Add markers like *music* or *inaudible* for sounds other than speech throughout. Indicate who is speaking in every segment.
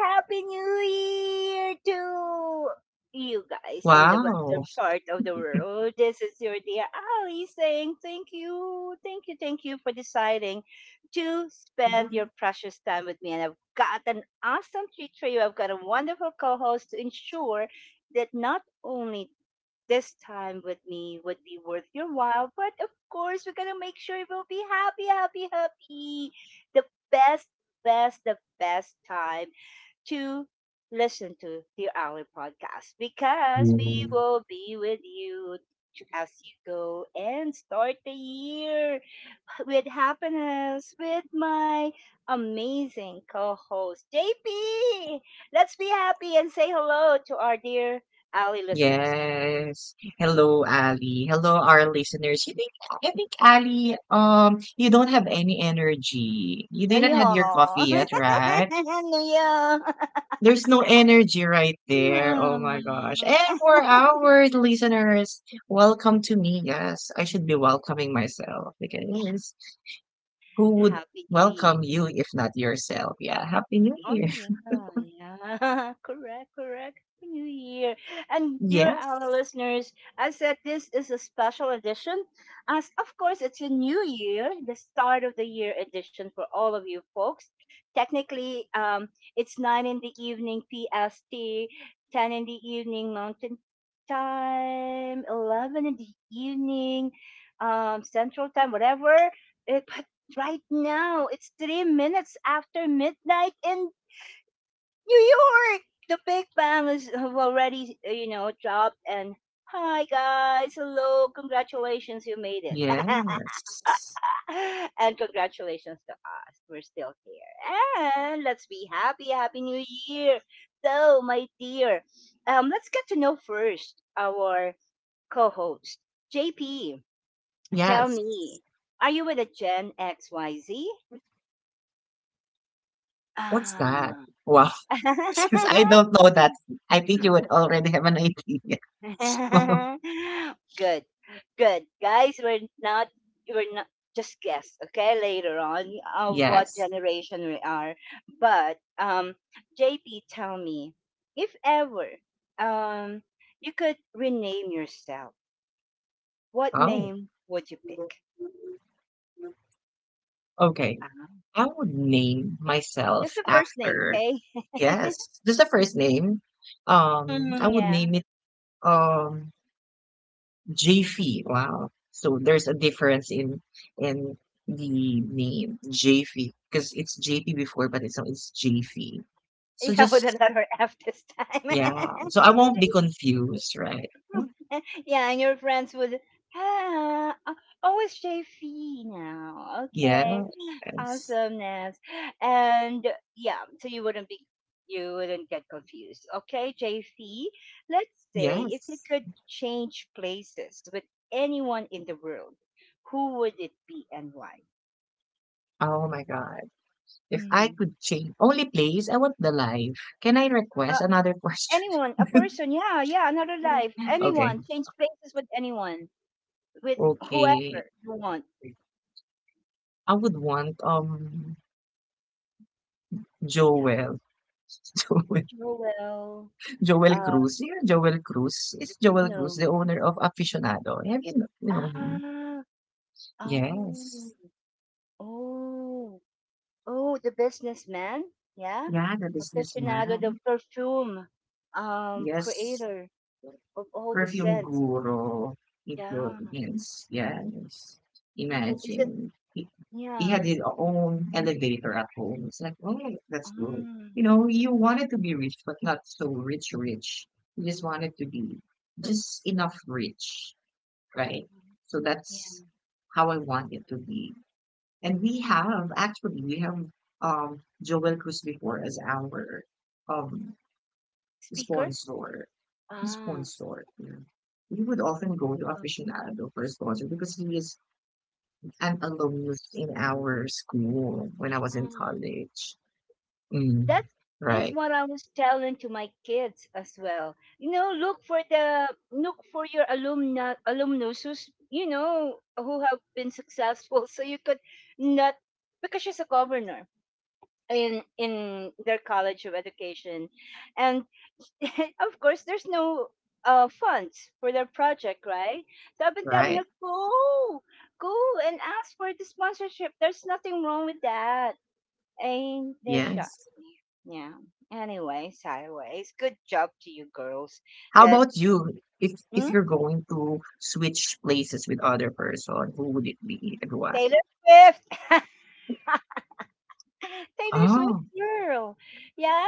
Speaker 1: Happy New Year to you guys in the western
Speaker 2: Wow.
Speaker 1: part of the world. This is your dear Ali saying thank you, thank you, thank you for deciding to spend your precious time with me. And I've got an awesome treat for you. I've got a wonderful co host to ensure that not only this time with me would be worth your while, but of course, we're gonna make sure you will be happy, happy, happy the best, best, the best time to listen to the Alley podcast because we
Speaker 2: Mhm.
Speaker 1: will be with you as you go and start the year with happiness with my amazing co-host JP. Let's be happy and say hello to our dear Alley listeners.
Speaker 2: Yes. Hello, Ali. Hello, our listeners. You think I think Ali, you don't have any energy. You didn't
Speaker 1: Ayo.
Speaker 2: have your coffee yet, right?
Speaker 1: *laughs* Ano yan?
Speaker 2: There's no energy right there. Oh
Speaker 1: Mm.
Speaker 2: my gosh. And
Speaker 1: *laughs*
Speaker 2: for our listeners, welcome to me. Yes, I should be welcoming myself because who would
Speaker 1: Happy New
Speaker 2: welcome
Speaker 1: Year.
Speaker 2: you if not yourself? Yeah, happy new
Speaker 1: Oh
Speaker 2: year. *laughs*
Speaker 1: yeah, yeah, *laughs* correct, correct. Happy New Year, and dear our
Speaker 2: Yes.
Speaker 1: listeners, I said this is a special edition, as of course it's a new year, the start of the year edition for all of you folks. Technically, it's 9 in the evening PST, 10 in the evening Mountain Time, 11 in the evening, Central Time, whatever. But right now it's 3 minutes after midnight in New York. The Big Bang is have already, dropped. And hi guys, hello, congratulations, you made it,
Speaker 2: Yes.
Speaker 1: *laughs* and congratulations to us. We're still here, and let's be happy. Happy New Year. So, my dear, let's get to know first our co-host, JP. Tell
Speaker 2: Yes.
Speaker 1: me, are you with a Gen XYZ?
Speaker 2: What's that?
Speaker 1: Ah.
Speaker 2: Wow. *laughs* Since I don't know that, I think
Speaker 1: *laughs*
Speaker 2: you would already have an idea. *laughs*
Speaker 1: *laughs* Good, good, guys. We're not just guess. Okay, later on, of what
Speaker 2: Yes.
Speaker 1: generation we are. But JP, tell me, if ever um, you could rename yourself, what
Speaker 2: Oh,
Speaker 1: name would you pick?
Speaker 2: okay.
Speaker 1: Uh,
Speaker 2: I would name
Speaker 1: just
Speaker 2: myself
Speaker 1: the first name,
Speaker 2: after,
Speaker 1: okay? *laughs*
Speaker 2: yes, just the first name. I
Speaker 1: Hmm,
Speaker 2: would
Speaker 1: yeah,
Speaker 2: name it um JV. Wow. So there's a difference in the name JV because it's JP before, but it's now it's JV. So
Speaker 1: yeah, with a
Speaker 2: just
Speaker 1: letter F this time.
Speaker 2: Yeah, so I
Speaker 1: *laughs*
Speaker 2: won't be confused, right? Mm,
Speaker 1: *laughs* Yeah, and your friends would ah, uh, oh, it's JV now. Okay,
Speaker 2: yes.
Speaker 1: awesomeness. And yeah, you wouldn't get confused. Okay, J F, E, let's say if you
Speaker 2: Yes.
Speaker 1: could change places with anyone in the world, who would it be and why?
Speaker 2: Oh my God. If I
Speaker 1: Mm.
Speaker 2: could change only place, I want the life. Can I
Speaker 1: Uh,
Speaker 2: request another question?
Speaker 1: Anyone, a
Speaker 2: *laughs*
Speaker 1: person, yeah, yeah, another life,
Speaker 2: Okay.
Speaker 1: anyone, change places with anyone, with
Speaker 2: Okay.
Speaker 1: whoever you want.
Speaker 2: I would want
Speaker 1: Yeah,
Speaker 2: Joel. *laughs* Joel
Speaker 1: Joel.
Speaker 2: Joel Cruz. Yeah, Joel Cruz. Is it Joel Cruz,
Speaker 1: No.
Speaker 2: the owner of Aficionado? Have you you know him?
Speaker 1: Ah. Oh.
Speaker 2: Yes.
Speaker 1: Oh. Oh, the businessman. Yeah.
Speaker 2: Yeah, the
Speaker 1: Aficionado, the
Speaker 2: businessman.
Speaker 1: perfume
Speaker 2: Yes.
Speaker 1: creator of all the
Speaker 2: Perfume
Speaker 1: scents.
Speaker 2: guru, it
Speaker 1: Yeah.
Speaker 2: would means, yes.
Speaker 1: Well, is it
Speaker 2: Imagine. He had
Speaker 1: yeah.
Speaker 2: his own elevator at home. It's like, oh, that's good. You
Speaker 1: Mm.
Speaker 2: know, you wanted to be rich, but not so rich, rich. You just wanted to be just enough rich, right? So
Speaker 1: Yeah.
Speaker 2: that's how I want it to be. And we
Speaker 1: Yeah.
Speaker 2: have, actually, we have Joel Cruz before as our um,
Speaker 1: Speaker?
Speaker 2: sponsor.
Speaker 1: Ah.
Speaker 2: Sponsor. Mm. We would often go to aficionado for a sponsor because he is an alumnus in our school when I was in
Speaker 1: Mm-hmm.
Speaker 2: college.
Speaker 1: That
Speaker 2: Mm.
Speaker 1: is
Speaker 2: Right,
Speaker 1: what I was telling to my kids as well. You know, look for your alumna alumnus who's you know who have been successful, so you could not because she's a governor in their college of education, and *laughs* of course there's no funds for their project, right? So I've been telling her
Speaker 2: right.
Speaker 1: go and ask for the sponsorship. There's nothing wrong with that and they're shy.
Speaker 2: Yes.
Speaker 1: Yeah. Anyway, sideways. Good job to you girls.
Speaker 2: How
Speaker 1: That
Speaker 2: about you? If
Speaker 1: hmm?
Speaker 2: you're going to switch places with other person, who would it be and why?
Speaker 1: Taylor Swift. *laughs* Taylor Swift
Speaker 2: Oh,
Speaker 1: girl. Yeah.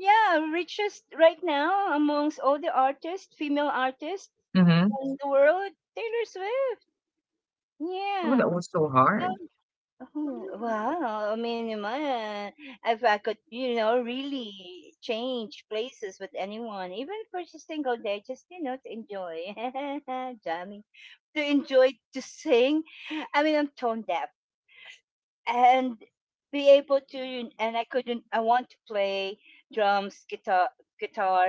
Speaker 1: Yeah. Richest right now amongst all the artists, female artists
Speaker 2: mm-hmm.
Speaker 1: in the world. Taylor Swift.
Speaker 2: Oh,
Speaker 1: Yeah.
Speaker 2: that was so
Speaker 1: Yeah.
Speaker 2: hard.
Speaker 1: Oh, wow. I mean, man, if I could, you know, really change places with anyone, even for just a single day, just, you know, to enjoy, *laughs* jamming, to enjoy, to sing. I mean, I'm tone deaf and be able to, and I couldn't, I want to play drums, guitar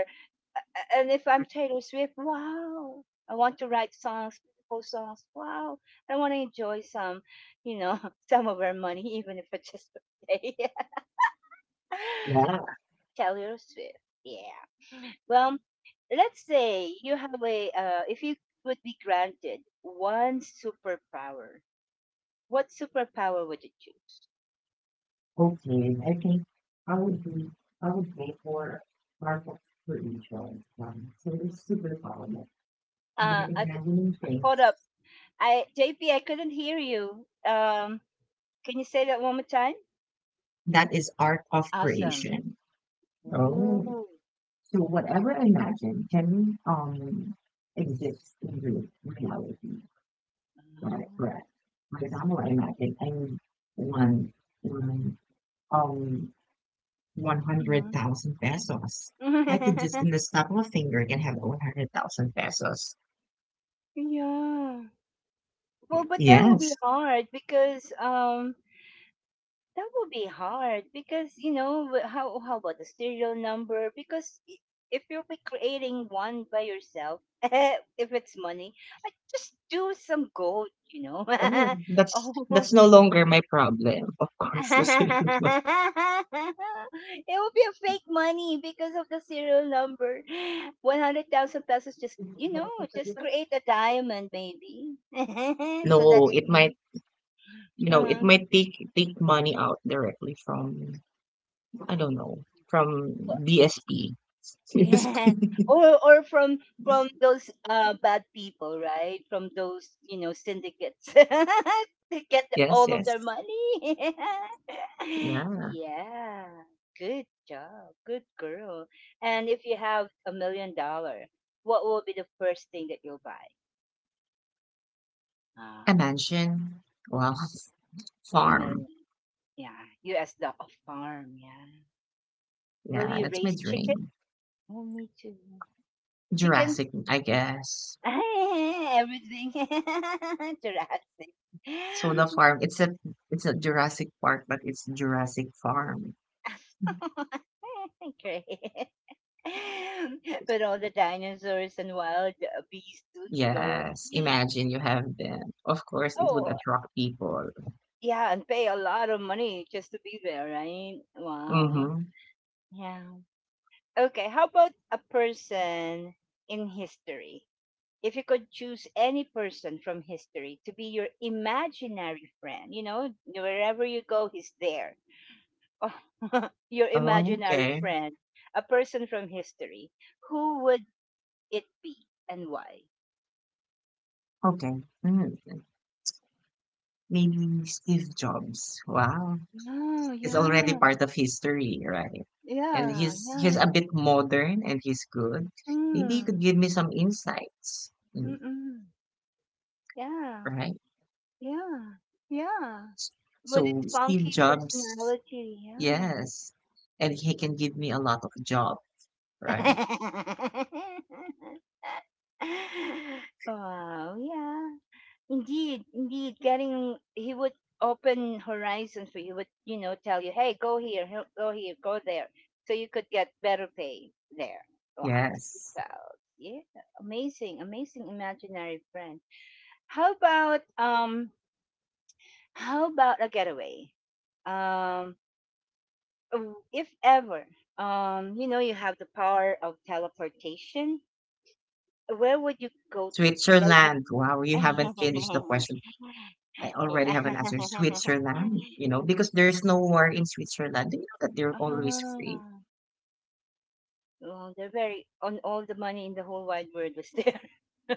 Speaker 1: and if I'm Taylor Swift, wow, I want to write songs, beautiful songs. Wow, I want to enjoy some, you know, *laughs* some of her money, even if it's just for a day. *laughs*
Speaker 2: Yeah.
Speaker 1: Taylor Swift, yeah. Well, let's say you have a, if you would be granted one superpower, what superpower would you choose?
Speaker 2: Okay, I think I would be I would go for market spiritual one. So it's superpower by
Speaker 1: Uh, I,
Speaker 2: imagining
Speaker 1: Hold up,
Speaker 2: things.
Speaker 1: I JP, I couldn't hear you. Can you say that one more time?
Speaker 2: That is art of
Speaker 1: Awesome.
Speaker 2: creation. Oh,
Speaker 1: Ooh.
Speaker 2: so whatever I imagine can exist in real reality. Got it, correct. For example, I imagine I need one one um one hundred
Speaker 1: Mhm.
Speaker 2: thousand pesos. I could just in the
Speaker 1: *laughs*
Speaker 2: snap of a finger can have 100,000 pesos.
Speaker 1: Yeah. Well, but that will be
Speaker 2: Yes.
Speaker 1: hard because you know how about the serial number if you'll be creating one by yourself *laughs* if it's money like just do some gold you know
Speaker 2: Oh,
Speaker 1: *laughs*
Speaker 2: that's
Speaker 1: Oh.
Speaker 2: that's no longer my problem. Of course, the savings *laughs* must.
Speaker 1: *laughs* It will be a fake money because of the serial number. *gasps* 100,000 pesos just, you know, just create a diamond maybe. *laughs* So that
Speaker 2: No,
Speaker 1: it
Speaker 2: it
Speaker 1: will.
Speaker 2: might, you know, it
Speaker 1: Uh-huh.
Speaker 2: might take money out directly from, I don't know, from
Speaker 1: Oh,
Speaker 2: BSP.
Speaker 1: yeah.
Speaker 2: BSP.
Speaker 1: *laughs*
Speaker 2: *laughs*
Speaker 1: Or from those bad people, right? From those, you know, syndicates. *laughs* They get
Speaker 2: Yes,
Speaker 1: all of
Speaker 2: yes.
Speaker 1: their money. *laughs*
Speaker 2: Yeah.
Speaker 1: Yeah. Good job. Good girl. And if you have a million dollars, what will be the first thing that you'll buy? Ah,
Speaker 2: A mansion. Well,
Speaker 1: a
Speaker 2: farm.
Speaker 1: million. Yeah. US dollar. A farm, yeah. Will
Speaker 2: Yeah,
Speaker 1: you
Speaker 2: that's my
Speaker 1: raise chicken?
Speaker 2: dream.
Speaker 1: Oh, me too. Chickens.
Speaker 2: Jurassic, I guess.
Speaker 1: *laughs* Everything. *laughs* Jurassic.
Speaker 2: So the
Speaker 1: *laughs*
Speaker 2: farm, it's a Jurassic Park, but it's Jurassic Farm.
Speaker 1: Great. But all the dinosaurs and wild beasts, dude, girl.
Speaker 2: Yes, imagine you have them. Of course, it would
Speaker 1: Oh,
Speaker 2: attract people.
Speaker 1: yeah, and pay a lot of money just to be there, right? Wow.
Speaker 2: Mm-hmm.
Speaker 1: Yeah. Okay, how about a person in history? If you could choose any person from history to be your imaginary friend, you know, wherever you go, he's there *laughs* your
Speaker 2: Oh,
Speaker 1: imaginary
Speaker 2: okay.
Speaker 1: friend, a person from history, who would it be and why?
Speaker 2: Okay. Mm. Maybe Steve Jobs. Wow.
Speaker 1: Oh,
Speaker 2: It's already
Speaker 1: yeah,
Speaker 2: part of history, right? And
Speaker 1: yeah,
Speaker 2: he's
Speaker 1: yeah.
Speaker 2: a bit modern and he's good. Maybe you could
Speaker 1: Mm,
Speaker 2: give me some insights,
Speaker 1: mm-mm. Yeah,
Speaker 2: right?
Speaker 1: yeah, yeah.
Speaker 2: S-
Speaker 1: With
Speaker 2: So
Speaker 1: its
Speaker 2: Steve
Speaker 1: funky
Speaker 2: Jobs,
Speaker 1: personality, yeah.
Speaker 2: yes. And he can give me a lot of job, right?
Speaker 1: *laughs* Wow, yeah. Indeed, indeed, getting he would open horizons for you. He would, you know, tell you, "Hey, go here, go here, go there," so you could get better pay there. Wow,
Speaker 2: Yes.
Speaker 1: so yeah, amazing, amazing imaginary friend. How about um, how about a getaway? Um, if ever, you know, you have the power of teleportation. Where would you go to right
Speaker 2: Switzerland. Wow, you
Speaker 1: now?
Speaker 2: haven't finished the question.
Speaker 1: *laughs*
Speaker 2: I already
Speaker 1: Yeah.
Speaker 2: have an answer.
Speaker 1: *laughs*
Speaker 2: Switzerland, because there's no war in Switzerland. They know that they're
Speaker 1: Ah,
Speaker 2: always free.
Speaker 1: well, they're very on all the money in the whole wide world was there.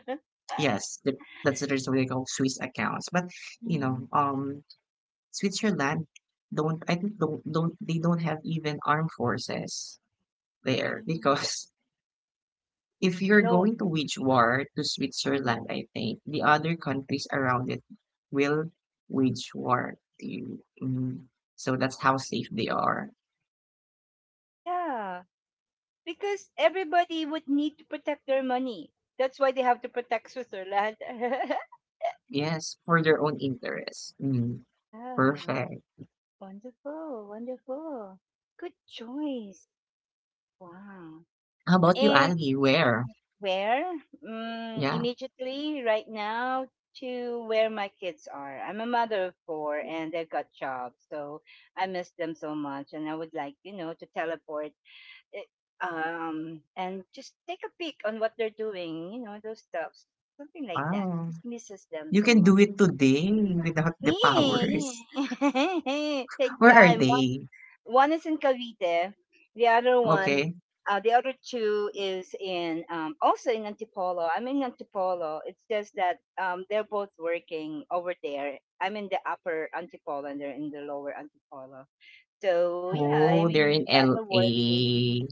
Speaker 1: *laughs*
Speaker 2: Yes, that's the reason we call Swiss accounts. But you
Speaker 1: Mhm.
Speaker 2: know, um, Switzerland don't I think don't they don't have even armed forces there
Speaker 1: Ah.
Speaker 2: because *laughs* if you're
Speaker 1: No.
Speaker 2: going to wage war to
Speaker 1: Mhm.
Speaker 2: Switzerland, I think the other countries around it will wage war to you. Mm. So that's how safe they are.
Speaker 1: Yeah, because everybody would need to protect their money. That's why they have to protect Switzerland. *laughs*
Speaker 2: Yes, for their own interest. Mm.
Speaker 1: Ah,
Speaker 2: Perfect.
Speaker 1: wonderful, wonderful. Good choice. Wow.
Speaker 2: How about you, Ali? Where?
Speaker 1: Where? Mm,
Speaker 2: Yeah.
Speaker 1: immediately, right now, to where my kids are. I'm a mother of four and they've got jobs, so I miss them so much. And I would like, you know, to teleport eh, and just take a peek on what they're doing, you know, those stuffs, something like that.
Speaker 2: Wow.
Speaker 1: Just misses them
Speaker 2: You
Speaker 1: so
Speaker 2: can
Speaker 1: much.
Speaker 2: do it today without the
Speaker 1: *laughs*
Speaker 2: powers.
Speaker 1: Take
Speaker 2: *laughs* Where are
Speaker 1: time,
Speaker 2: they?
Speaker 1: one is in Cavite, the other one,
Speaker 2: Okay.
Speaker 1: the other two is in also in Antipolo. I'm in Antipolo. It's just that they're both working over there. I'm in the upper Antipolo and they're in the lower Antipolo. So yeah, I
Speaker 2: Oh, they're
Speaker 1: mean
Speaker 2: in
Speaker 1: yeah, they're working.
Speaker 2: LA.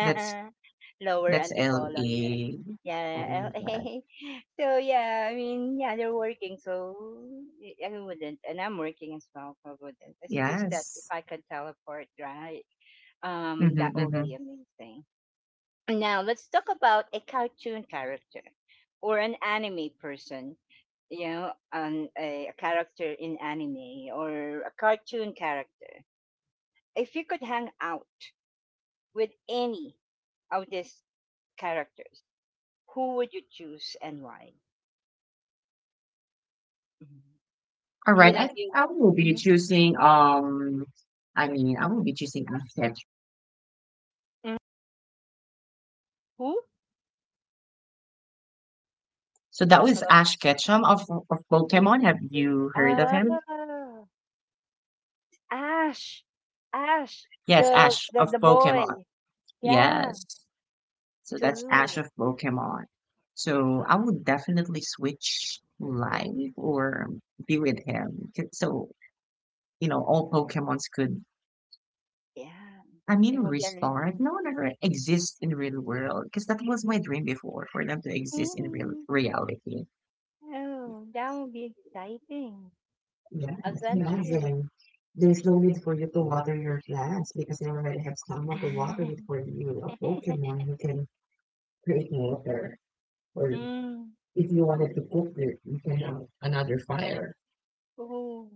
Speaker 2: That's
Speaker 1: Lower
Speaker 2: that's
Speaker 1: Antipolo.
Speaker 2: LA. Oh
Speaker 1: Yeah,
Speaker 2: my
Speaker 1: yeah.
Speaker 2: God.
Speaker 1: *laughs* So yeah, I mean yeah, they're working. So I wouldn't, and I'm working as well. So I wouldn't. It's just that if
Speaker 2: Yes.
Speaker 1: I can teleport, right?
Speaker 2: Mm-hmm,
Speaker 1: That will
Speaker 2: mm-hmm.
Speaker 1: be amazing. Now let's talk about a cartoon character or an anime person. You know, a character in anime or a cartoon character. If you could hang out with any of these characters, who would you choose and why? Mhm.
Speaker 2: All
Speaker 1: You
Speaker 2: right.
Speaker 1: don't you.
Speaker 2: I will be
Speaker 1: Mhm.
Speaker 2: choosing um I mean I will be choosing Ash Ketchum.
Speaker 1: Mhm. Who?
Speaker 2: So that
Speaker 1: How
Speaker 2: was
Speaker 1: about
Speaker 2: Ash Ketchum of Pokemon. Have you heard of
Speaker 1: ah
Speaker 2: him?
Speaker 1: Ash? Ash,
Speaker 2: Yes,
Speaker 1: the
Speaker 2: Ash
Speaker 1: the the
Speaker 2: of
Speaker 1: boy.
Speaker 2: Pokemon.
Speaker 1: Yeah,
Speaker 2: Yes. So that's Ash
Speaker 1: too.
Speaker 2: of Pokemon. So
Speaker 1: Ah,
Speaker 2: I would definitely switch live or be with him. So, all Pokemons could,
Speaker 1: yeah.
Speaker 2: I mean,
Speaker 1: It will be amazing.
Speaker 2: restart, no longer exist in real world. Because that was my dream before, for them to exist in real
Speaker 1: Mm.
Speaker 2: reality.
Speaker 1: Oh, that will be exciting.
Speaker 2: Yeah, it's
Speaker 1: Adventurous.
Speaker 2: amazing. There's no need for you to water your plants because they already have someone to water it
Speaker 1: *laughs*
Speaker 2: for you. A Pokemon who can create water. Or
Speaker 1: Mm.
Speaker 2: if you wanted to cook it, you can have another fire.
Speaker 1: Oh,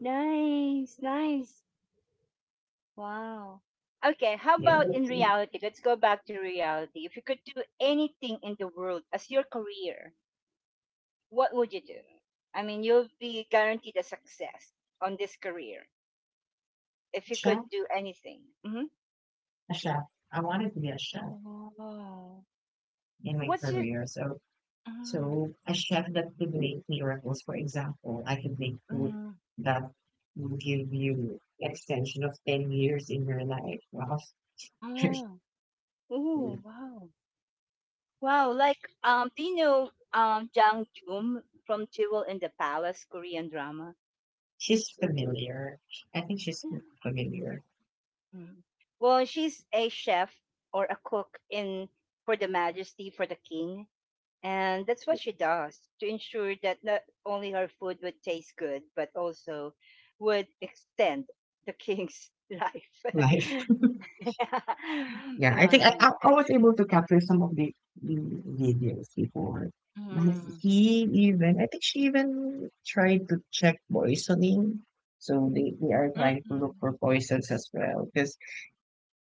Speaker 1: nice, nice. Wow. Okay, how
Speaker 2: Yeah,
Speaker 1: about in reality? Let's go back to reality. If you could do anything in the world as your career, what would you do? I mean, you'll be guaranteed a success on this career if you could
Speaker 2: chef,
Speaker 1: do anything. Hmm.
Speaker 2: a chef. I wanted to be a chef
Speaker 1: Wow.
Speaker 2: in my
Speaker 1: What's your.
Speaker 2: career. So,
Speaker 1: Mm.
Speaker 2: so a chef that could make miracles. For example, I could make food
Speaker 1: Mhm.
Speaker 2: that will give you extension of 10 years in your life. Wow. *laughs*
Speaker 1: Oh. Oh, wow. Wow, like do you know Jang Joom from Jewel in the Palace Korean drama?
Speaker 2: She's familiar. I think she's
Speaker 1: Yeah.
Speaker 2: familiar.
Speaker 1: Mhm. Well, she's a chef or a cook in for the majesty for the king, and that's what she does to ensure that not only her food would taste good but also would extend the king's *laughs* life.
Speaker 2: Life.
Speaker 1: *laughs*
Speaker 2: Yeah, I think I,
Speaker 1: Wow.
Speaker 2: I I was able to capture some of the videos before. But
Speaker 1: Mm.
Speaker 2: I think she even tried to check poisoning. So they are trying to look
Speaker 1: Mm-mm.
Speaker 2: for poisons as well, because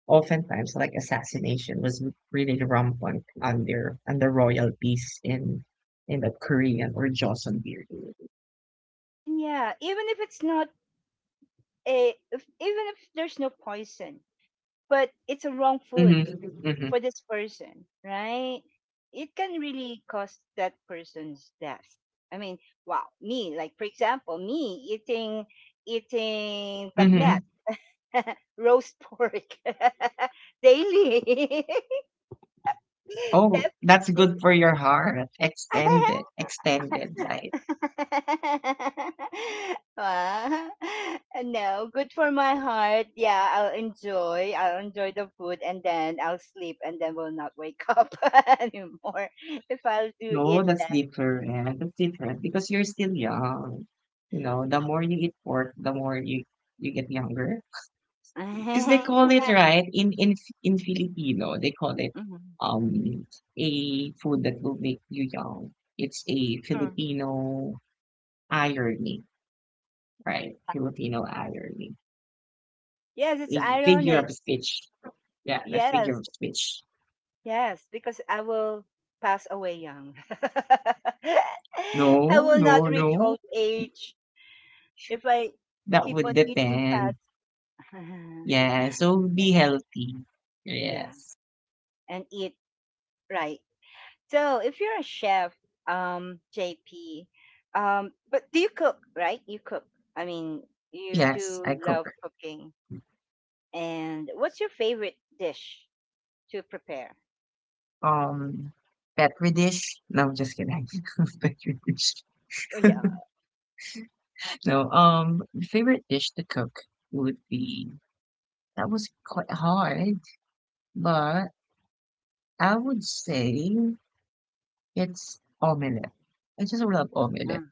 Speaker 2: oftentimes like assassination was really rampant under royalties in the Korean or Joseon period.
Speaker 1: And yeah, even if it's not a, if, even if there's no poison, but it's a wrong food
Speaker 2: Mm-hmm, mm-hmm,
Speaker 1: for this person, right? It can really cause that person's death. I mean, wow, me, like for example, me eating eating bagnet,
Speaker 2: mm-hmm.
Speaker 1: *laughs* roast pork *laughs* daily. *laughs*
Speaker 2: Oh, that's
Speaker 1: Definitely.
Speaker 2: good for your heart. Extended,
Speaker 1: *laughs*
Speaker 2: extended life.
Speaker 1: *laughs* Wow. No, good for my heart. Yeah, I'll enjoy. I'll enjoy the food and then I'll sleep and then will not wake *laughs* up *laughs* anymore if I'll do
Speaker 2: No,
Speaker 1: eat
Speaker 2: that's
Speaker 1: that.
Speaker 2: different. That's different because you're still young. You know, the more you eat pork, the more you get younger. Because they call
Speaker 1: *laughs*
Speaker 2: it
Speaker 1: Yeah.
Speaker 2: right in Filipino, they call it
Speaker 1: Mhm.
Speaker 2: um a food that will make you young. It's a
Speaker 1: Hmm.
Speaker 2: Filipino irony, right?
Speaker 1: Yeah.
Speaker 2: Filipino irony,
Speaker 1: Yes, it's
Speaker 2: a figure
Speaker 1: ironic.
Speaker 2: of speech. Yeah, a figure
Speaker 1: Yes,
Speaker 2: of speech.
Speaker 1: yes, because I will pass away young. *laughs*
Speaker 2: No,
Speaker 1: I will
Speaker 2: no,
Speaker 1: not reach
Speaker 2: no.
Speaker 1: old age if I
Speaker 2: That
Speaker 1: keep
Speaker 2: would
Speaker 1: on eating fat.
Speaker 2: depend. Yeah,
Speaker 1: *laughs*
Speaker 2: so be healthy.
Speaker 1: Yeah,
Speaker 2: Yes.
Speaker 1: and eat right. So if you're a chef, JP, but do you cook, right? You cook. I mean, you
Speaker 2: Yes,
Speaker 1: do
Speaker 2: I
Speaker 1: love
Speaker 2: cook.
Speaker 1: cooking. And what's your favorite dish to prepare?
Speaker 2: Um, Petri dish. No, I'm just kidding. *laughs* Petri dish.
Speaker 1: Oh
Speaker 2: *laughs*
Speaker 1: yeah,
Speaker 2: No, favorite dish to cook would be that was quite hard, but I would say it's omelette. I just love
Speaker 1: uh,
Speaker 2: omelette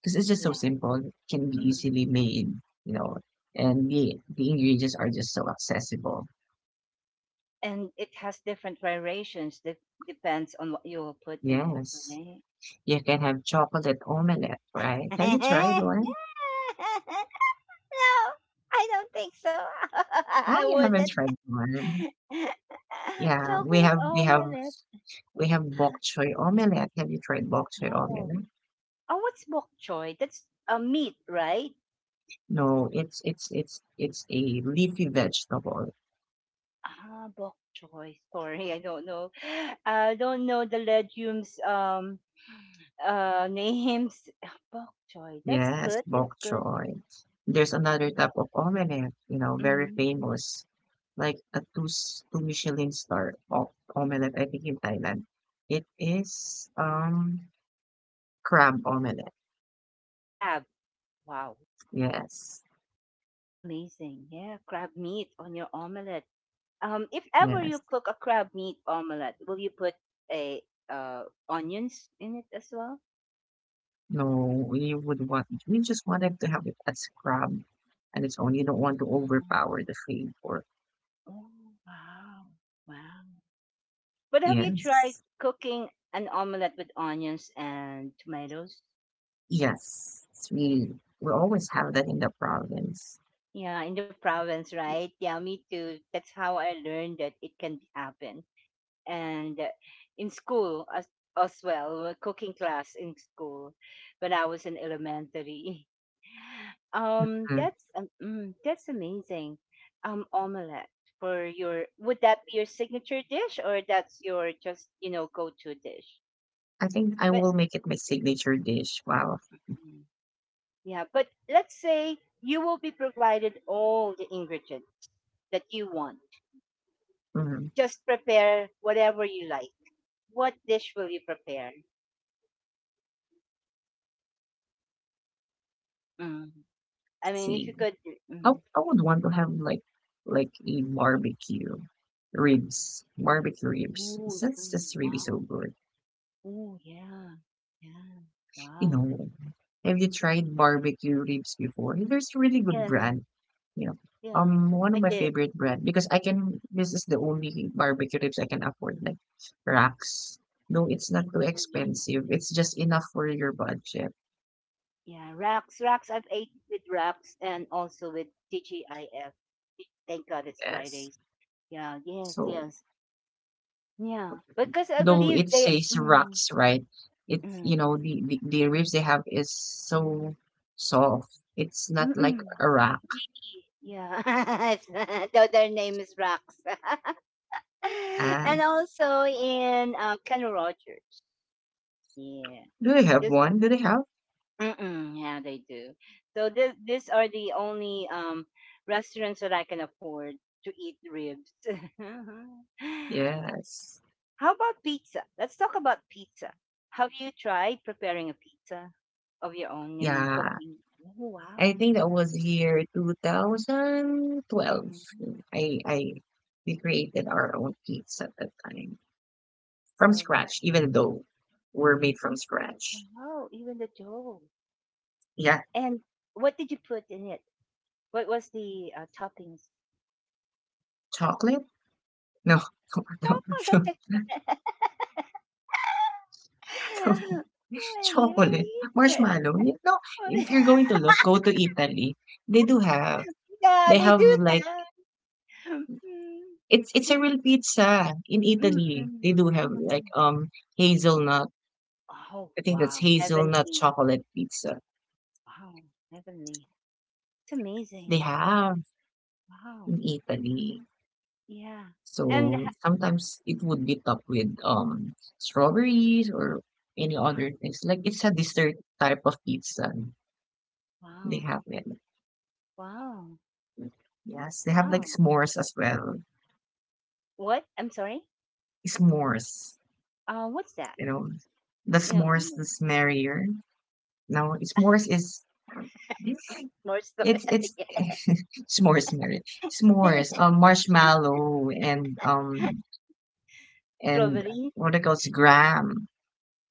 Speaker 2: because it's just so
Speaker 1: yeah.
Speaker 2: simple. It can be
Speaker 1: Hmm.
Speaker 2: easily made, you know, and the ingredients are just so accessible.
Speaker 1: And it has different variations. Depends on what you will put in it,
Speaker 2: Yes,
Speaker 1: right?
Speaker 2: you can have chocolate omelette,
Speaker 1: *laughs*
Speaker 2: right?
Speaker 1: No,
Speaker 2: Have you tried
Speaker 1: I
Speaker 2: one?
Speaker 1: don't think so. *laughs* I
Speaker 2: I haven't
Speaker 1: wouldn't.
Speaker 2: tried one.
Speaker 1: *laughs*
Speaker 2: Yeah, we
Speaker 1: Chocolate
Speaker 2: have we have
Speaker 1: omelette.
Speaker 2: we have bok choy omelette. Have you tried bok choy
Speaker 1: Wow.
Speaker 2: omelette?
Speaker 1: Oh, what's bok choy? That's a meat, right?
Speaker 2: No, it's a leafy vegetable.
Speaker 1: Ah, bok choy. Sorry, I don't know. I don't know the legumes names. *laughs* Ah, bok choy. That's
Speaker 2: Yes,
Speaker 1: good. That's
Speaker 2: bok
Speaker 1: good.
Speaker 2: choy. There's another type of omelette, very
Speaker 1: Hmm.
Speaker 2: famous, like a two Michelin star of omelette. I think in Thailand, it is crab omelette.
Speaker 1: Crab. Wow.
Speaker 2: Yes,
Speaker 1: It's amazing. Yeah, crab meat on your omelette. If ever you
Speaker 2: yes.
Speaker 1: cook a crab meat omelette, will you put a onions in it as well?
Speaker 2: No, you just wanted to have it as scrub and its own. You don't want to overpower the flavor.
Speaker 1: Oh, wow. Wow. But have you tried
Speaker 2: Yes.
Speaker 1: cooking an omelette with onions and tomatoes?
Speaker 2: Yes,
Speaker 1: Yeah.
Speaker 2: we always have that in the province.
Speaker 1: Yeah, in the province, right? Yeah, me too. That's how I learned that it can happen. And in school as well, cooking class in school when I was in elementary. *laughs*
Speaker 2: Mm.
Speaker 1: That's that's amazing. Omelette for your, would that be your signature dish or that's your just, you know, go to dish?
Speaker 2: I think I will make it my signature dish. Wow.
Speaker 1: Mm. Yeah, but let's say you will be provided all the ingredients that you want.
Speaker 2: hmm
Speaker 1: Just prepare whatever you like. What dish will you prepare? Mm. I mean, if you
Speaker 2: See,
Speaker 1: could.
Speaker 2: I,
Speaker 1: Mm.
Speaker 2: I would want to have like a barbecue ribs, barbecue ribs.
Speaker 1: Ooh, so,
Speaker 2: That's just really so
Speaker 1: wow.
Speaker 2: good.
Speaker 1: Ooh, yeah. Yeah.
Speaker 2: You
Speaker 1: Wow.
Speaker 2: know, have you tried barbecue ribs before? There's a really good
Speaker 1: Yeah.
Speaker 2: brand, you know.
Speaker 1: Yeah.
Speaker 2: One of
Speaker 1: I
Speaker 2: my
Speaker 1: did.
Speaker 2: favorite brand because I can. This is the only barbecue ribs I can afford, like racks. No, it's not too
Speaker 1: Oh, wow.
Speaker 2: expensive. It's just enough for your budget.
Speaker 1: Yeah. Racks. Racks. I've ate with racks and also with TGIF. Thank God it's
Speaker 2: Yes.
Speaker 1: Fridays. Yeah. Yes.
Speaker 2: So
Speaker 1: Yes. Yeah, because I
Speaker 2: though
Speaker 1: believe
Speaker 2: it
Speaker 1: they,
Speaker 2: says
Speaker 1: mm,
Speaker 2: racks, right? It you
Speaker 1: mm,
Speaker 2: know the, the the ribs they have is so soft. It's not like
Speaker 1: mm-mm.
Speaker 2: a rack.
Speaker 1: Really, yeah. *laughs* Though their name is Rox. *laughs* And
Speaker 2: And
Speaker 1: also in Kenny Rogers. Yeah.
Speaker 2: do they have
Speaker 1: This,
Speaker 2: one? Do they have?
Speaker 1: mm-mm, yeah, they do. So this these are the only restaurants that I can afford to eat ribs. *laughs*
Speaker 2: Yes.
Speaker 1: How about pizza? Let's talk about pizza. Have you tried preparing a pizza of your own? I mean,
Speaker 2: Yeah.
Speaker 1: cooking. Oh,
Speaker 2: I
Speaker 1: wow.
Speaker 2: think that was year 2012.
Speaker 1: Mhm.
Speaker 2: I we created our own kits at that time from
Speaker 1: Wow.
Speaker 2: scratch, even though we're made from scratch.
Speaker 1: Wow, even the dough.
Speaker 2: Yeah,
Speaker 1: And what did you put in it? What was the toppings?
Speaker 2: chocolate? No, *laughs* no, no,
Speaker 1: Chocolate.
Speaker 2: no.
Speaker 1: *laughs*
Speaker 2: No, *laughs*
Speaker 1: Yeah,
Speaker 2: chocolate,
Speaker 1: yay.
Speaker 2: marshmallow. You know, if you're
Speaker 1: *laughs*
Speaker 2: going to look, go to Italy. They do have.
Speaker 1: Yeah,
Speaker 2: They
Speaker 1: they
Speaker 2: have
Speaker 1: do
Speaker 2: like
Speaker 1: that. Mm.
Speaker 2: it's a
Speaker 1: Mm-mm.
Speaker 2: real pizza in Italy. They
Speaker 1: Mm.
Speaker 2: do have like
Speaker 1: Mm.
Speaker 2: hazelnut.
Speaker 1: Oh,
Speaker 2: I think that's
Speaker 1: wow.
Speaker 2: hazelnut
Speaker 1: Heavenly.
Speaker 2: chocolate pizza.
Speaker 1: Wow. Heavenly. It's
Speaker 2: They
Speaker 1: amazing.
Speaker 2: have
Speaker 1: Wow.
Speaker 2: in Italy.
Speaker 1: Yeah. And
Speaker 2: So
Speaker 1: ha-,
Speaker 2: sometimes it would be topped with strawberries or any
Speaker 1: wow.
Speaker 2: other things. Like it's a dessert type of pizza. They
Speaker 1: Wow.
Speaker 2: have it.
Speaker 1: Wow.
Speaker 2: Yes, they have like
Speaker 1: Wow.
Speaker 2: s'mores as well.
Speaker 1: What? I'm sorry.
Speaker 2: S'mores,
Speaker 1: What's that?
Speaker 2: you know, the
Speaker 1: No.
Speaker 2: s'mores is merrier. Now s'mores is
Speaker 1: More
Speaker 2: it's
Speaker 1: strawberry.
Speaker 2: *laughs* s'mores merrier. S'mores,
Speaker 1: *laughs*
Speaker 2: marshmallow and
Speaker 1: Strawberry.
Speaker 2: what it calls graham.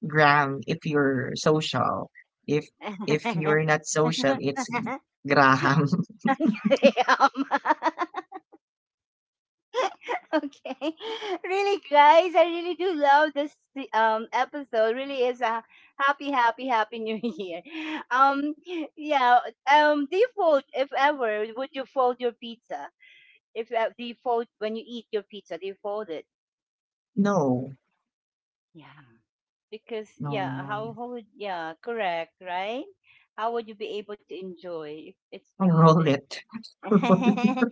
Speaker 2: Gram if you're social. If if
Speaker 1: *laughs*
Speaker 2: you're not social, it's Graham. *laughs*
Speaker 1: Yum. *laughs* Okay. Really, guys, I really do love this episode. Really is a happy, happy, happy new *laughs* year. Um, yeah. Do you fold if ever? Would you fold your pizza? If do you fold when you eat your pizza? Do you fold it?
Speaker 2: No,
Speaker 1: Yeah. Because,
Speaker 2: no,
Speaker 1: yeah,
Speaker 2: no.
Speaker 1: how would, yeah, correct, right? How would you be able to enjoy if it's
Speaker 2: I roll
Speaker 1: folded?
Speaker 2: it. *laughs* Roll it.
Speaker 1: *laughs*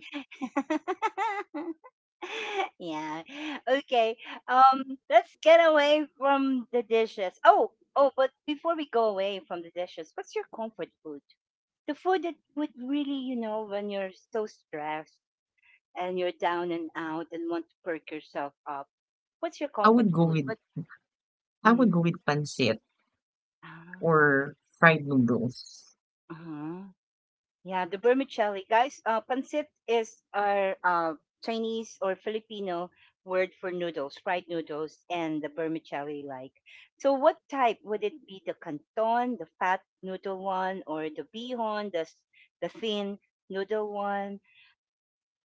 Speaker 1: Yeah. Okay. Let's get away from the dishes. Oh, oh, but before we go away from the dishes, what's your comfort food? The food that would really, you know, when you're so stressed and you're down and out and want to perk yourself up. What's your
Speaker 2: I
Speaker 1: comfort
Speaker 2: would go
Speaker 1: food?
Speaker 2: with
Speaker 1: What?
Speaker 2: I would go
Speaker 1: Mm,
Speaker 2: with pancit
Speaker 1: ah,
Speaker 2: or fried noodles.
Speaker 1: uh-huh. Yeah, the vermicelli. Guys, pancit is our Chinese or Filipino word for noodles, fried noodles, and the vermicelli like. So, what type would it be? The canton, the fat noodle one, or the bihon, s- the thin noodle one?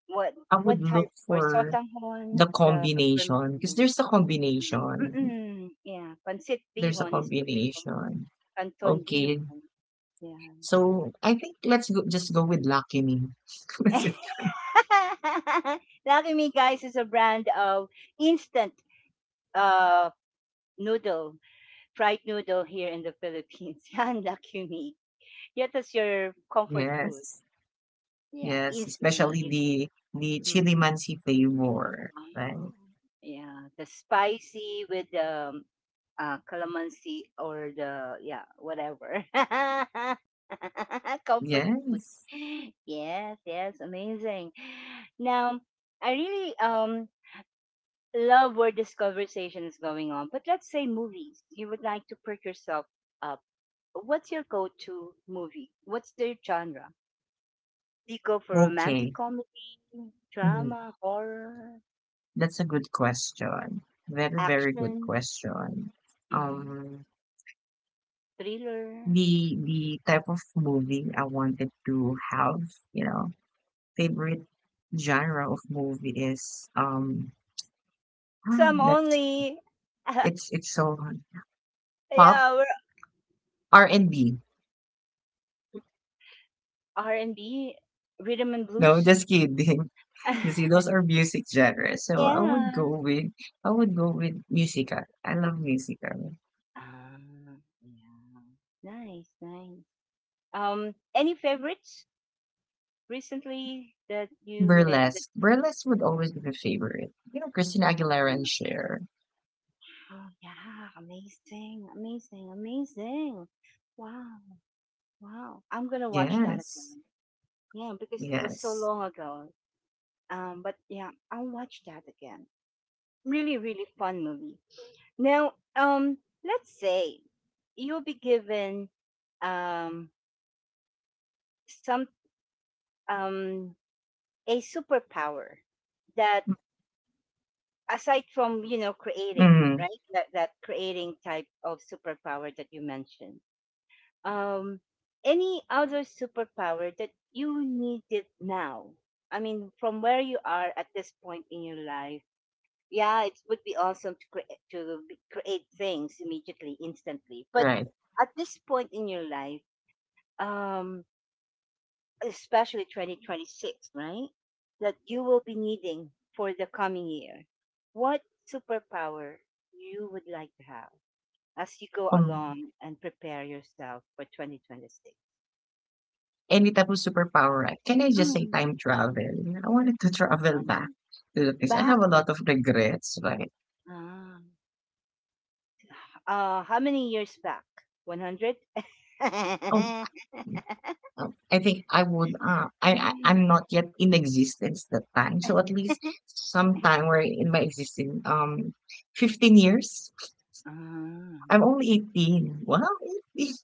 Speaker 1: What
Speaker 2: I would
Speaker 1: what
Speaker 2: look
Speaker 1: type? Or
Speaker 2: for
Speaker 1: sotanghon,
Speaker 2: the
Speaker 1: the
Speaker 2: combination, cause
Speaker 1: vermicelli.
Speaker 2: there's a combination.
Speaker 1: Mm-mm, yeah, pancit
Speaker 2: There's a
Speaker 1: bihon is what we call
Speaker 2: combination.
Speaker 1: canton
Speaker 2: Okay.
Speaker 1: bihon. Yeah.
Speaker 2: So, I think let's go just go with Lucky Me. *laughs*
Speaker 1: *laughs* *laughs* Lucky Me, guys, is a brand of instant uh, noodle, fried noodle here in the Philippines. *laughs* Yan, Lucky Me. Yeah, that's your comfort food.
Speaker 2: Yes,
Speaker 1: Yeah,
Speaker 2: yes, especially
Speaker 1: easy.
Speaker 2: the
Speaker 1: Mm.
Speaker 2: chili chilimansi flavor,
Speaker 1: Oh,
Speaker 2: right?
Speaker 1: yeah, the spicy with the um, calamansi or the, yeah, whatever. *laughs* Comfort
Speaker 2: Yes.
Speaker 1: food. Yes, yes, amazing. Now, I really love where this conversation is going on. But let's say movies. You would like to perk yourself up. What's your go-to movie? What's their genre? Do you go for romantic
Speaker 2: Okay.
Speaker 1: comedy,
Speaker 2: Mhm.
Speaker 1: drama, horror,
Speaker 2: That's a good question. Very, very good
Speaker 1: action,
Speaker 2: question.
Speaker 1: mhm,
Speaker 2: Um,
Speaker 1: thriller,
Speaker 2: the type of movie I wanted to have, you know, favorite genre of movie is
Speaker 1: wholesome
Speaker 2: *sighs* that's
Speaker 1: only?
Speaker 2: it's so hard. Pop
Speaker 1: Yeah, we're
Speaker 2: R&B.
Speaker 1: R and B, rhythm and
Speaker 2: No,
Speaker 1: blues.
Speaker 2: just kidding. *laughs* You see,
Speaker 1: *laughs*
Speaker 2: those are music genres. So
Speaker 1: Yeah.
Speaker 2: I would go with musical. I love musical.
Speaker 1: Ah, yeah. Nice, nice. Any favorites recently that you made?
Speaker 2: Burlesque. Burlesque would always be my favorite. You know, Christina Aguilera
Speaker 1: Oh,
Speaker 2: and Cher.
Speaker 1: yeah. Amazing. Amazing. Amazing. Wow. Wow. I'm going to watch that
Speaker 2: Yes.
Speaker 1: again. Yeah, because it was so
Speaker 2: Yes.
Speaker 1: long ago. But yeah, I'll watch that again. Really, really fun movie. Now, let's say you'll be given um some um a superpower that, aside from, you know, creating,
Speaker 2: Mm,
Speaker 1: right, that creating type of superpower that you mentioned, um any other superpower that you need it now, I mean, from where you are at this point in your life, yeah, it would be awesome to create, create things immediately, instantly, but
Speaker 2: right.
Speaker 1: at this point in your life, um especially 2026, right, that you will be needing for the coming year, what superpower you would like to have as you go
Speaker 2: Um,
Speaker 1: along and prepare yourself for 2026.
Speaker 2: any type of superpower, can I just say time travel? You know, I wanted to travel back
Speaker 1: Mm,
Speaker 2: to the things. I have
Speaker 1: back.
Speaker 2: a lot of regrets, right?
Speaker 1: Ah. How many years back? 100?
Speaker 2: Oh, I think I would. I'm not yet in existence that time, so at least
Speaker 1: *laughs*
Speaker 2: sometime where in my existing 15 years.
Speaker 1: Ah.
Speaker 2: I'm only 18. Wow, 18.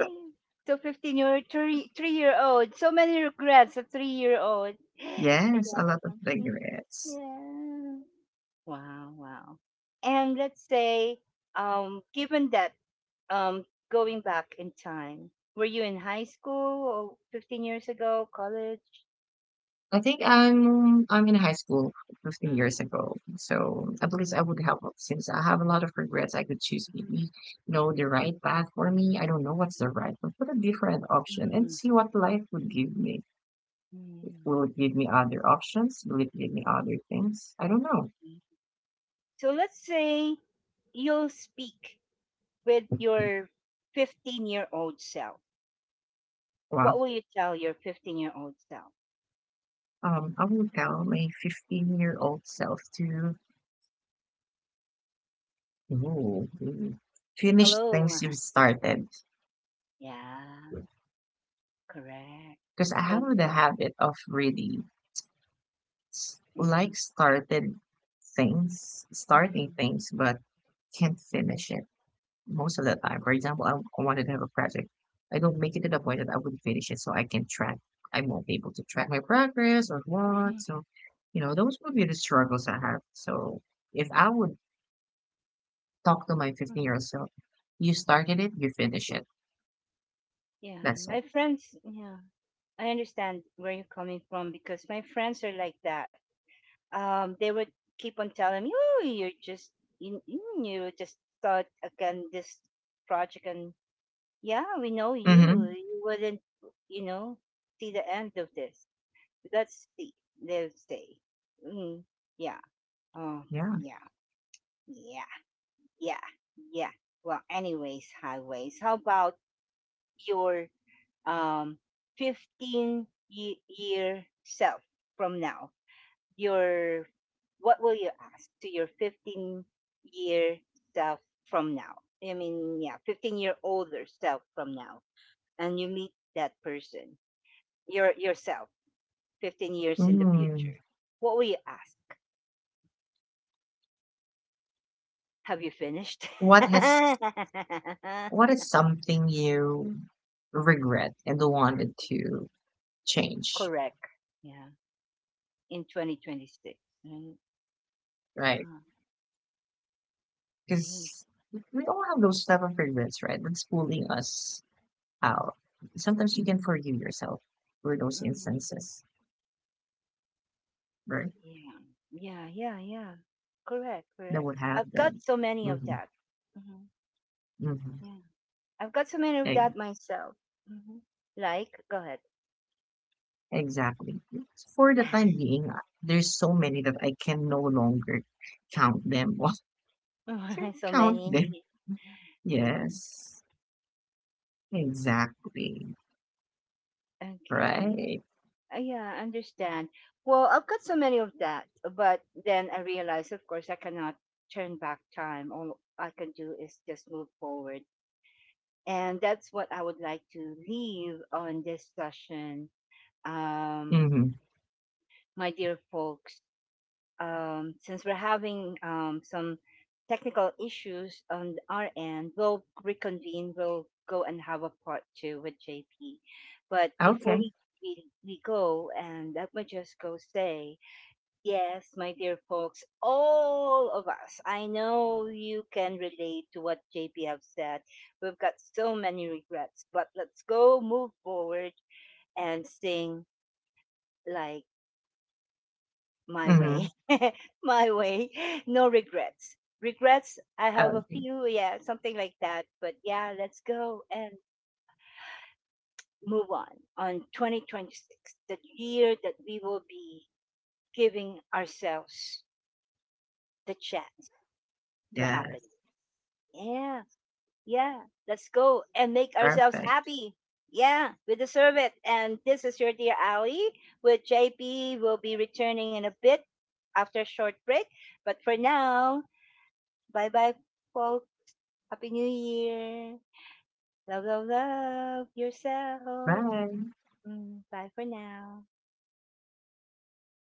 Speaker 2: *laughs*
Speaker 1: so 15 year, three year old. So many regrets at 3 year old. *gasps* *sighs*
Speaker 2: Yes, a lot of
Speaker 1: Yeah. Mm,
Speaker 2: regrets.
Speaker 1: yeah. Wow, wow. And let's say, given that um going back in time, were you in high school or 15 years ago, college?
Speaker 2: I think I'm in high school 15
Speaker 1: Mm.
Speaker 2: years ago. So at least I would help since I have a lot of regrets. I could choose maybe you know the right path for me. I don't know what's the right, but put a different option and
Speaker 1: Mm,
Speaker 2: see what life would give me.
Speaker 1: mm.
Speaker 2: Will it give me other options? Will it give me other things? I don't know.
Speaker 1: So let's say you'll speak with your 15-year-old self. What
Speaker 2: Wow.
Speaker 1: will you tell your 15-year-old self?
Speaker 2: I will tell my 15-year-old self to no, really finish
Speaker 1: Hello.
Speaker 2: things
Speaker 1: *laughs*
Speaker 2: you've started
Speaker 1: Yeah, correct.
Speaker 2: because I have
Speaker 1: Don't.
Speaker 2: the habit of really. Like
Speaker 1: Mm,
Speaker 2: started things, starting
Speaker 1: mm,
Speaker 2: things, but can't finish it most of the time. For example, I wanted to have a project. I don't make it to the point that I would finish it, so I can track. I won't be able to track my progress or what.
Speaker 1: mm,
Speaker 2: So, those would be the struggles I have. So, if I would talk to my 15-year-old
Speaker 1: mm.
Speaker 2: self, you started it, you finish it.
Speaker 1: Yeah,
Speaker 2: That's it.
Speaker 1: my friends, yeah, I understand where you're coming from because my friends are like that. They would keep on telling me, oh, you're just, you just start again this project and, yeah, we know you.
Speaker 2: Mm-hmm.
Speaker 1: You wouldn't, you know, see the end of this. Let's see. They'll say, mm, yeah. Oh,
Speaker 2: Yeah.
Speaker 1: yeah. Yeah. Yeah. Yeah. Well, anyways, highways. How about your um year self from now? Your, what will you ask to your 15-year self from now? I mean, yeah, 15-year older self from now, and you meet that person, your yourself 15 years in the future,
Speaker 2: Mm.
Speaker 1: what will you ask? Have you finished? *laughs*
Speaker 2: What has what is something you regret and wanted to change,
Speaker 1: Correct. Yeah. In 2026. Right?
Speaker 2: right?
Speaker 1: Ah, nice.
Speaker 2: Because we all have those type of regrets, right? That's pulling us out. Sometimes you can forgive yourself for those
Speaker 1: Mm,
Speaker 2: instances, right?
Speaker 1: yeah. Yeah. Yeah. Yeah. Correct.
Speaker 2: That
Speaker 1: Correct.
Speaker 2: would have
Speaker 1: I've got
Speaker 2: them.
Speaker 1: so many of
Speaker 2: Hmm
Speaker 1: that. Hmm.
Speaker 2: hmm
Speaker 1: Yeah. I've got so many of that myself. Hmm. Like, go ahead.
Speaker 2: exactly. For the time being, there's so many that I can no longer count them. *laughs* I can
Speaker 1: *laughs* So
Speaker 2: count them.
Speaker 1: many. *laughs* Yeah.
Speaker 2: Yes, exactly.
Speaker 1: Okay.
Speaker 2: Right.
Speaker 1: Yeah, I understand. Well, I've got so many of that, but then I realized, of course, I cannot turn back time. All I can do is just move forward. And that's what I would like to leave on this session. Um,
Speaker 2: Mm-hmm.
Speaker 1: my dear folks, since we're having some technical issues on our end, we'll reconvene. We'll go and have a part two with JP. But before
Speaker 2: Okay.
Speaker 1: we go, and let me just go say, yes, my dear folks, all of us. I know you can relate to what JP have said. We've got so many regrets, but let's go move forward and sing like my
Speaker 2: Mm-hmm.
Speaker 1: way. *laughs* My way. No regrets. Regrets, I have a
Speaker 2: Okay.
Speaker 1: few, yeah, something like that. But yeah, let's go and move on. On 2026, the year that we will be giving ourselves the chance to happen.
Speaker 2: Yes.
Speaker 1: Yeah. Yeah, let's go and make ourselves
Speaker 2: Perfect.
Speaker 1: happy. Yeah, we deserve it. And this is your dear Ali with JP. We'll be returning in a bit after a short break. But for now, bye bye, folks. Happy New Year. Love, love, love yourself.
Speaker 2: Bye.
Speaker 1: Mm, bye for now.